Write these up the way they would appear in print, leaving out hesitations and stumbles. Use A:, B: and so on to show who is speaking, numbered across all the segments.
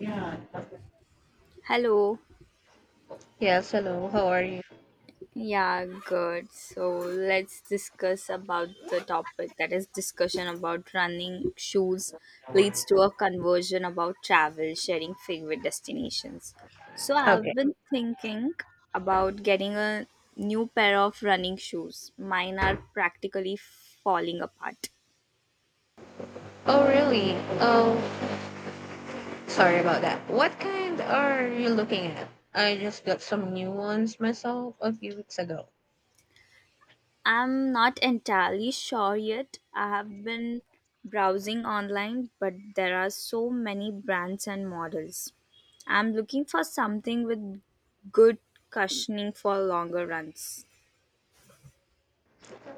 A: Yeah.
B: Hello.
A: Yes, hello. How are you?
B: Yeah, good. So let's discuss about the topic that is discussion about running shoes leads to a conversion about travel, sharing favorite destinations. So
A: Okay.
B: I've been thinking about getting a new pair of running shoes. Mine are practically falling apart.
A: Oh, really? Oh, sorry about that. What kind are you looking at? I just got some new ones myself a few weeks ago.
B: I'm not entirely sure yet. I have been browsing online, but there are so many brands and models. I'm looking for something with good cushioning for longer runs.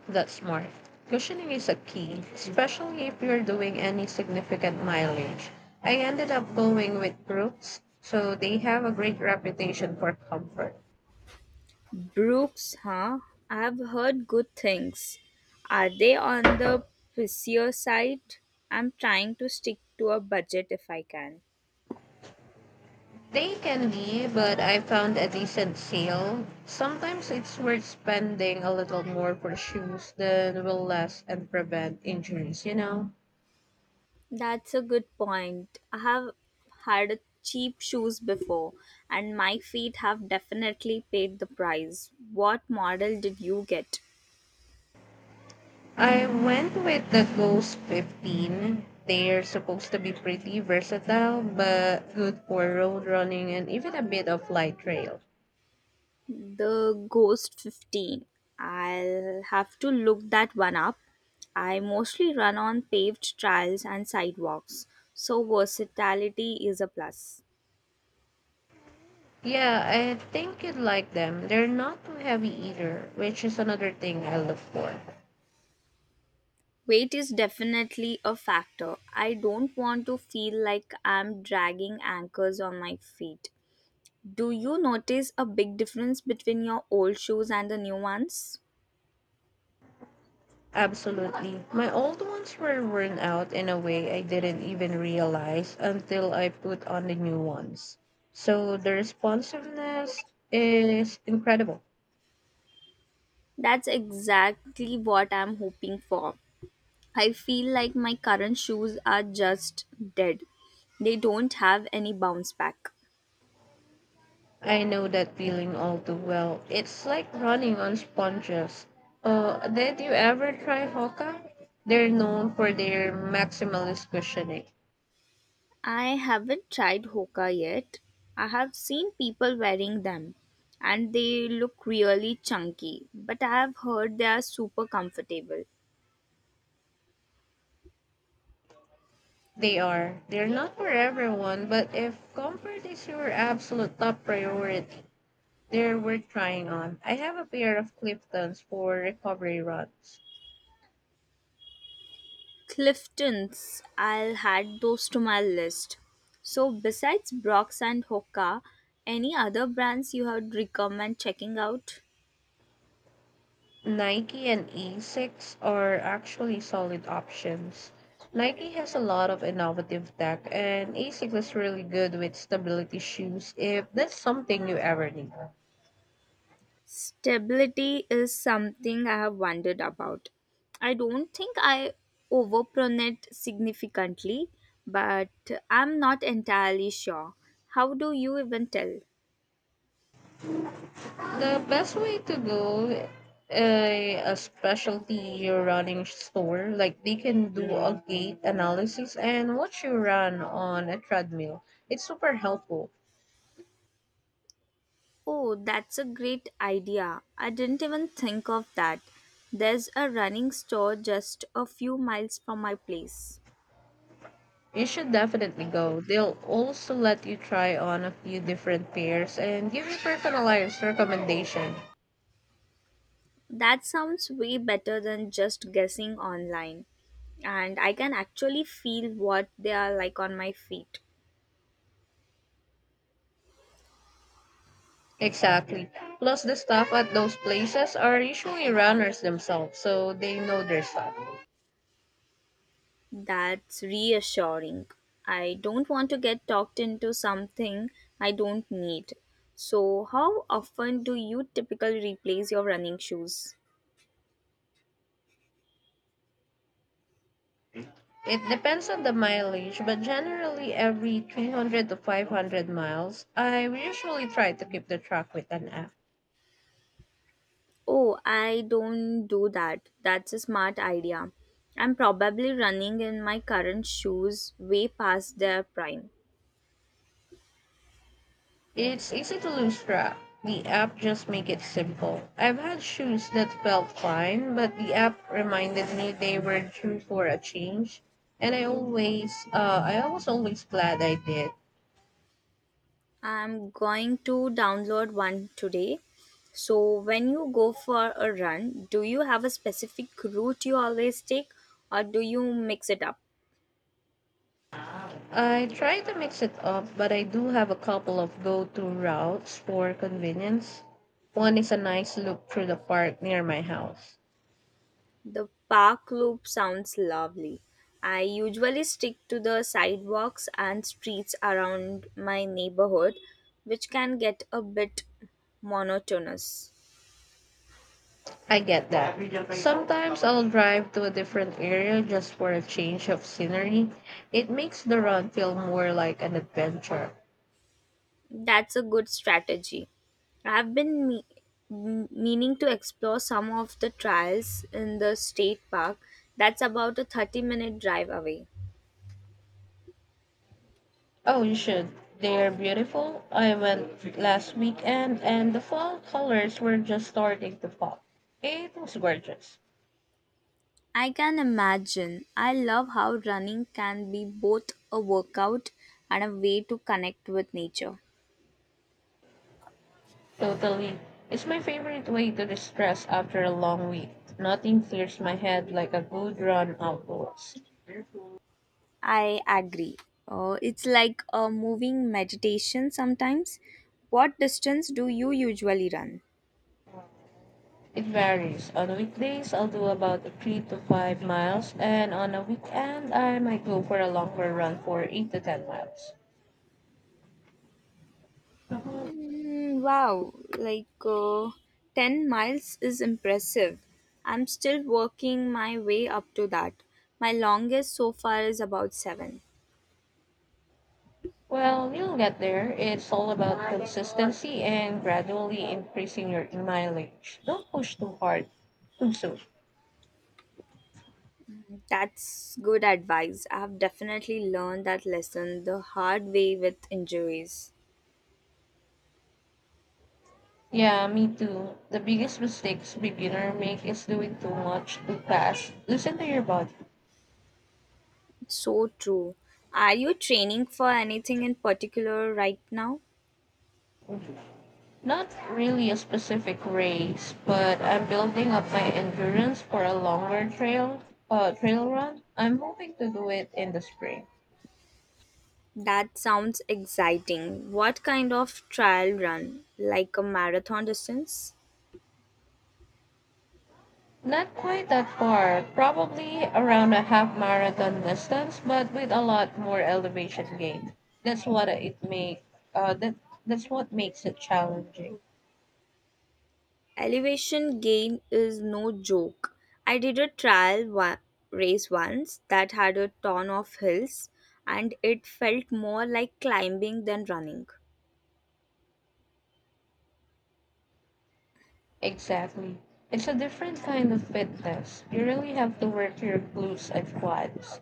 A: That's smart. Cushioning is a key, especially if you're doing any significant mileage. I ended up going with Brooks, so they have a great reputation for comfort.
B: Brooks, huh? I have heard good things. Are they on the pricier side? I'm trying to stick to a budget if I can.
A: They can be, but I found a decent sale. Sometimes it's worth spending a little more for shoes than will last and prevent injuries?
B: That's a good point. I have had cheap shoes before, and my feet have definitely paid the price. What model did you get?
A: I went with the Ghost 15. They're supposed to be pretty versatile, but good for road running and even a bit of light trail.
B: The Ghost 15. I'll have to look that one up. I mostly run on paved trails and sidewalks, so versatility is a plus.
A: Yeah, I think you'd like them. They're not too heavy either, which is another thing I look for.
B: Weight is definitely a factor. I don't want to feel like I'm dragging anchors on my feet. Do you notice a big difference between your old shoes and the new ones?
A: Absolutely. My old ones were worn out in a way I didn't even realize until I put on the new ones. So the responsiveness is incredible.
B: That's exactly what I'm hoping for. I feel like my current shoes are just dead. They don't have any bounce back.
A: I know that feeling all too well. It's like running on sponges. Did you ever try Hoka? They're known for their maximalist cushioning.
B: I haven't tried Hoka yet. I have seen people wearing them, and they look really chunky, but I have heard they are super comfortable.
A: They are. They're not for everyone, but if comfort is your absolute top priority, they're worth trying on. I have a pair of Clifton's for recovery runs.
B: Clifton's, I'll add those to my list. So, besides Brock's and Hoka, any other brands you would recommend checking out?
A: Nike and Asics are actually solid options. Nike has a lot of innovative tech, and Asics is really good with stability shoes if that's something you ever need.
B: Stability is something I have wondered about. I don't think I overpronate significantly, but I'm not entirely sure. How do you even tell?
A: The best way to go a specialty running store, like they can do a gait analysis and watch you run on a treadmill. It's super helpful.
B: Oh, that's a great idea. I didn't even think of that. There's a running store just a few miles from my place.
A: You should definitely go. They'll also let you try on a few different pairs and give you personalized recommendation.
B: That sounds way better than just guessing online. And I can actually feel what they are like on my feet.
A: Exactly. Plus, the staff at those places are usually runners themselves, so they know their stuff.
B: That's reassuring. I don't want to get talked into something I don't need. So, how often do you typically replace your running shoes?
A: It depends on the mileage, but generally every 300 to 500 miles. I usually try to keep the track with an app.
B: Oh, I don't do that. That's a smart idea. I'm probably running in my current shoes way past their prime.
A: It's easy to lose track. The app just make it simple. I've had shoes that felt fine, but the app reminded me they were due for a change, and I always, I was always glad I did.
B: I'm going to download one today. So, when you go for a run, do you have a specific route you always take, or do you mix it up?
A: I try to mix it up, but I do have a couple of go-to routes for convenience. One is a nice loop through the park near my house.
B: The park loop sounds lovely. I usually stick to the sidewalks and streets around my neighborhood, which can get a bit monotonous.
A: I get that. Sometimes I'll drive to a different area just for a change of scenery. It makes the run feel more like an adventure.
B: That's a good strategy. I've been meaning to explore some of the trails in the state park. That's about a 30-minute drive away.
A: Oh, you should. They're beautiful. I went last weekend and the fall colors were just starting to pop. It was gorgeous.
B: I can imagine. I love how running can be both a workout and a way to connect with nature.
A: Totally. It's my favorite way to distress after a long week. Nothing clears my head like a good run outdoors.
B: I agree. It's like a moving meditation sometimes. What distance do you usually run?
A: It varies. On weekdays, I'll do about 3 to 5 miles, and on a weekend, I might go for a longer run for 8 to 10 miles.
B: Mm, wow, like 10 miles is impressive. I'm still working my way up to that. My longest so far is about 7.
A: Well, you'll get there. It's all about consistency and gradually increasing your mileage. Don't push too hard, too soon.
B: That's good advice. I have definitely learned that lesson the hard way with injuries.
A: Yeah, me too. The biggest mistakes beginner make is doing too much too fast. Listen to your body.
B: So true. Are you training for anything in particular right now?
A: Not really a specific race, but I'm building up my endurance for a longer trail run. I'm hoping to do it in the spring.
B: That sounds exciting. What kind of trial run? Like a marathon distance?
A: Not quite that far, probably around a half marathon distance, but with a lot more elevation gain. That's what it make uh, that that's what makes it challenging.
B: Elevation gain is no joke. I did a race once that had a ton of hills, and it felt more like climbing than running.
A: Exactly. It's a different kind of fitness. You really have to work your glutes and quads.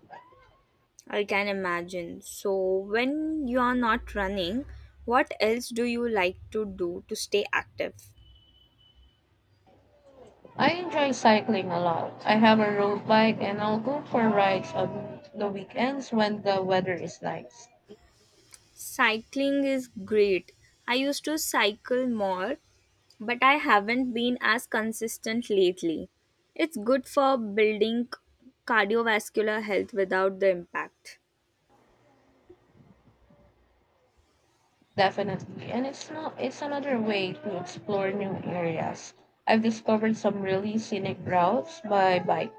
B: I can imagine. So, when you are not running, what else do you like to do to stay active?
A: I enjoy cycling a lot. I have a road bike and I'll go for rides on the weekends when the weather is nice.
B: Cycling is great. I used to cycle more, but I haven't been as consistent lately. It's good for building cardiovascular health without the impact.
A: Definitely. And it's not it's another way to explore new areas. I've discovered some really scenic routes by bike.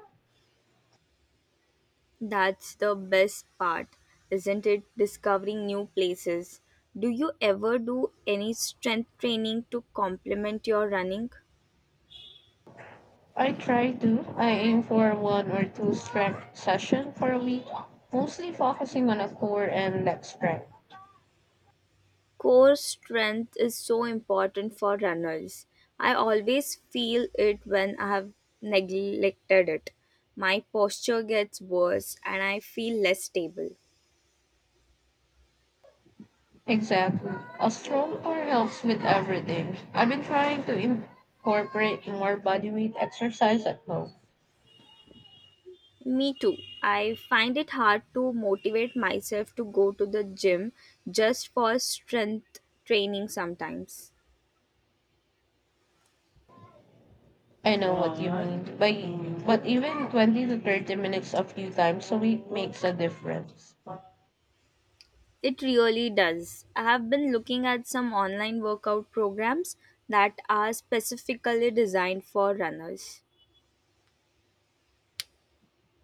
B: That's the best part, isn't it? Discovering new places. Do you ever do any strength training to complement your running?
A: I try to. I aim for one or two strength session for a week, mostly focusing on a core and leg strength.
B: Core strength is so important for runners. I always feel it when I have neglected it. My posture gets worse and I feel less stable.
A: Exactly. A stroll bar helps with everything. I've been trying to incorporate more bodyweight exercise at home.
B: Me too. I find it hard to motivate myself to go to the gym just for strength training sometimes.
A: I know what you mean. But even 20 to 30 minutes a few times a week makes a difference.
B: It really does. I have been looking at some online workout programs that are specifically designed for runners.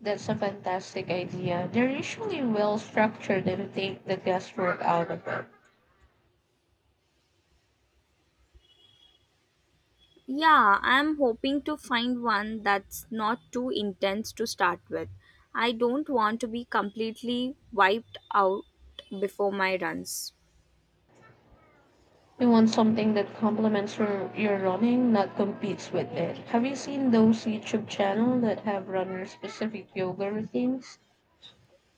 A: That's a fantastic idea. They're usually well structured and take the guesswork out of it.
B: Yeah, I'm hoping to find one that's not too intense to start with. I don't want to be completely wiped out before my runs.
A: You want something that complements your running, not competes with it. Have you seen those YouTube channels that have runner specific yoga routines?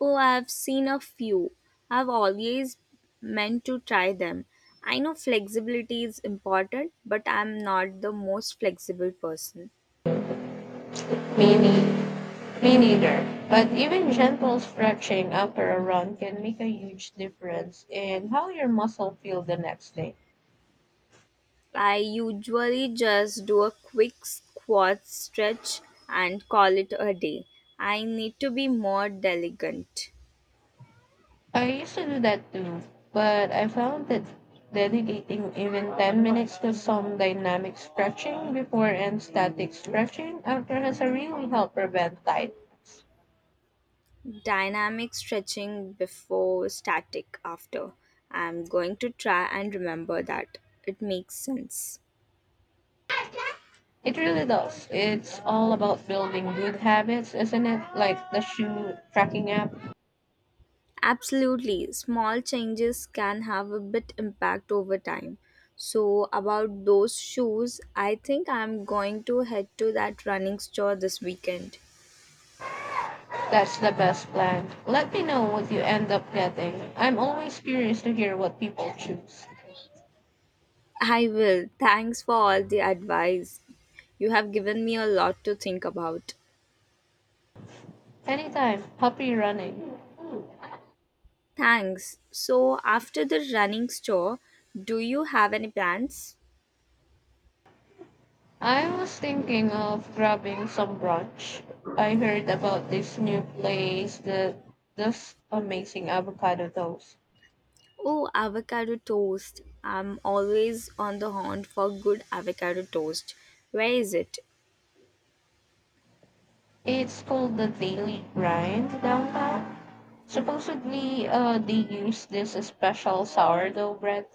B: Oh, I've seen a few. I've always meant to try them. I know flexibility is important, but I'm not the most flexible person.
A: Maybe. Me neither. But even gentle stretching after a run can make a huge difference in how your muscle feel the next day.
B: I usually just do a quick squat stretch and call it a day. I need to be more diligent.
A: I used to do that too, but I found that dedicating even 10 minutes to some dynamic stretching before and static stretching after has a really help prevent tightness.
B: Dynamic stretching before, static after. I'm going to try and remember that. It makes sense.
A: It really does. It's all about building good habits, isn't it? Like the shoe tracking app.
B: Absolutely. Small changes can have a bit impact over time. So about those shoes, I think I'm going to head to that running store this weekend.
A: That's the best plan. Let me know what you end up getting. I'm always curious to hear what people choose.
B: I will. Thanks for all the advice. You have given me a lot to think about.
A: Anytime. Happy running.
B: Thanks. So after the running store, do you have any plans?
A: I was thinking of grabbing some brunch. I heard about this new place that does amazing avocado toast.
B: Oh, avocado toast. I'm always on the hunt for good avocado toast. Where is it?
A: It's called the Daily Grind downtown. Supposedly, they use this special sourdough bread.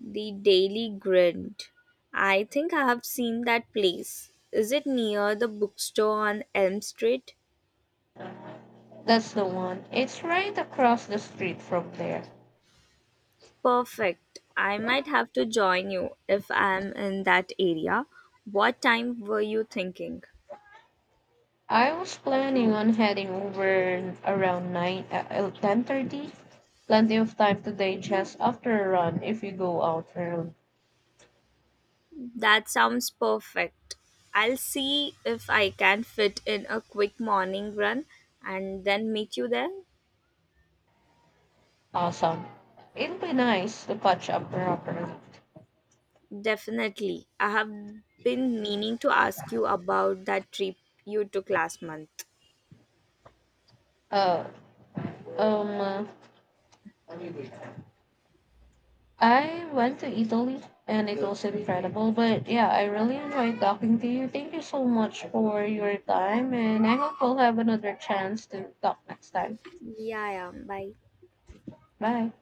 B: The Daily Grind. I think I have seen that place. Is it near the bookstore on Elm Street?
A: That's the one. It's right across the street from there.
B: Perfect. I might have to join you if I'm in that area. What time were you thinking?
A: I was planning on heading over around 9 10:30. Plenty of time today just after a run if you go out early.
B: That sounds perfect. I'll see if I can fit in a quick morning run and then meet you there.
A: Awesome. It'll be nice to catch up properly.
B: Definitely. I have been meaning to ask you about that trip you took last month.
A: Uh, um uh, I went to Italy and it was incredible, but yeah, I really enjoyed talking to you. Thank you so much for your time and I hope we'll have another chance to talk next time.
B: Yeah, yeah. Bye.
A: Bye.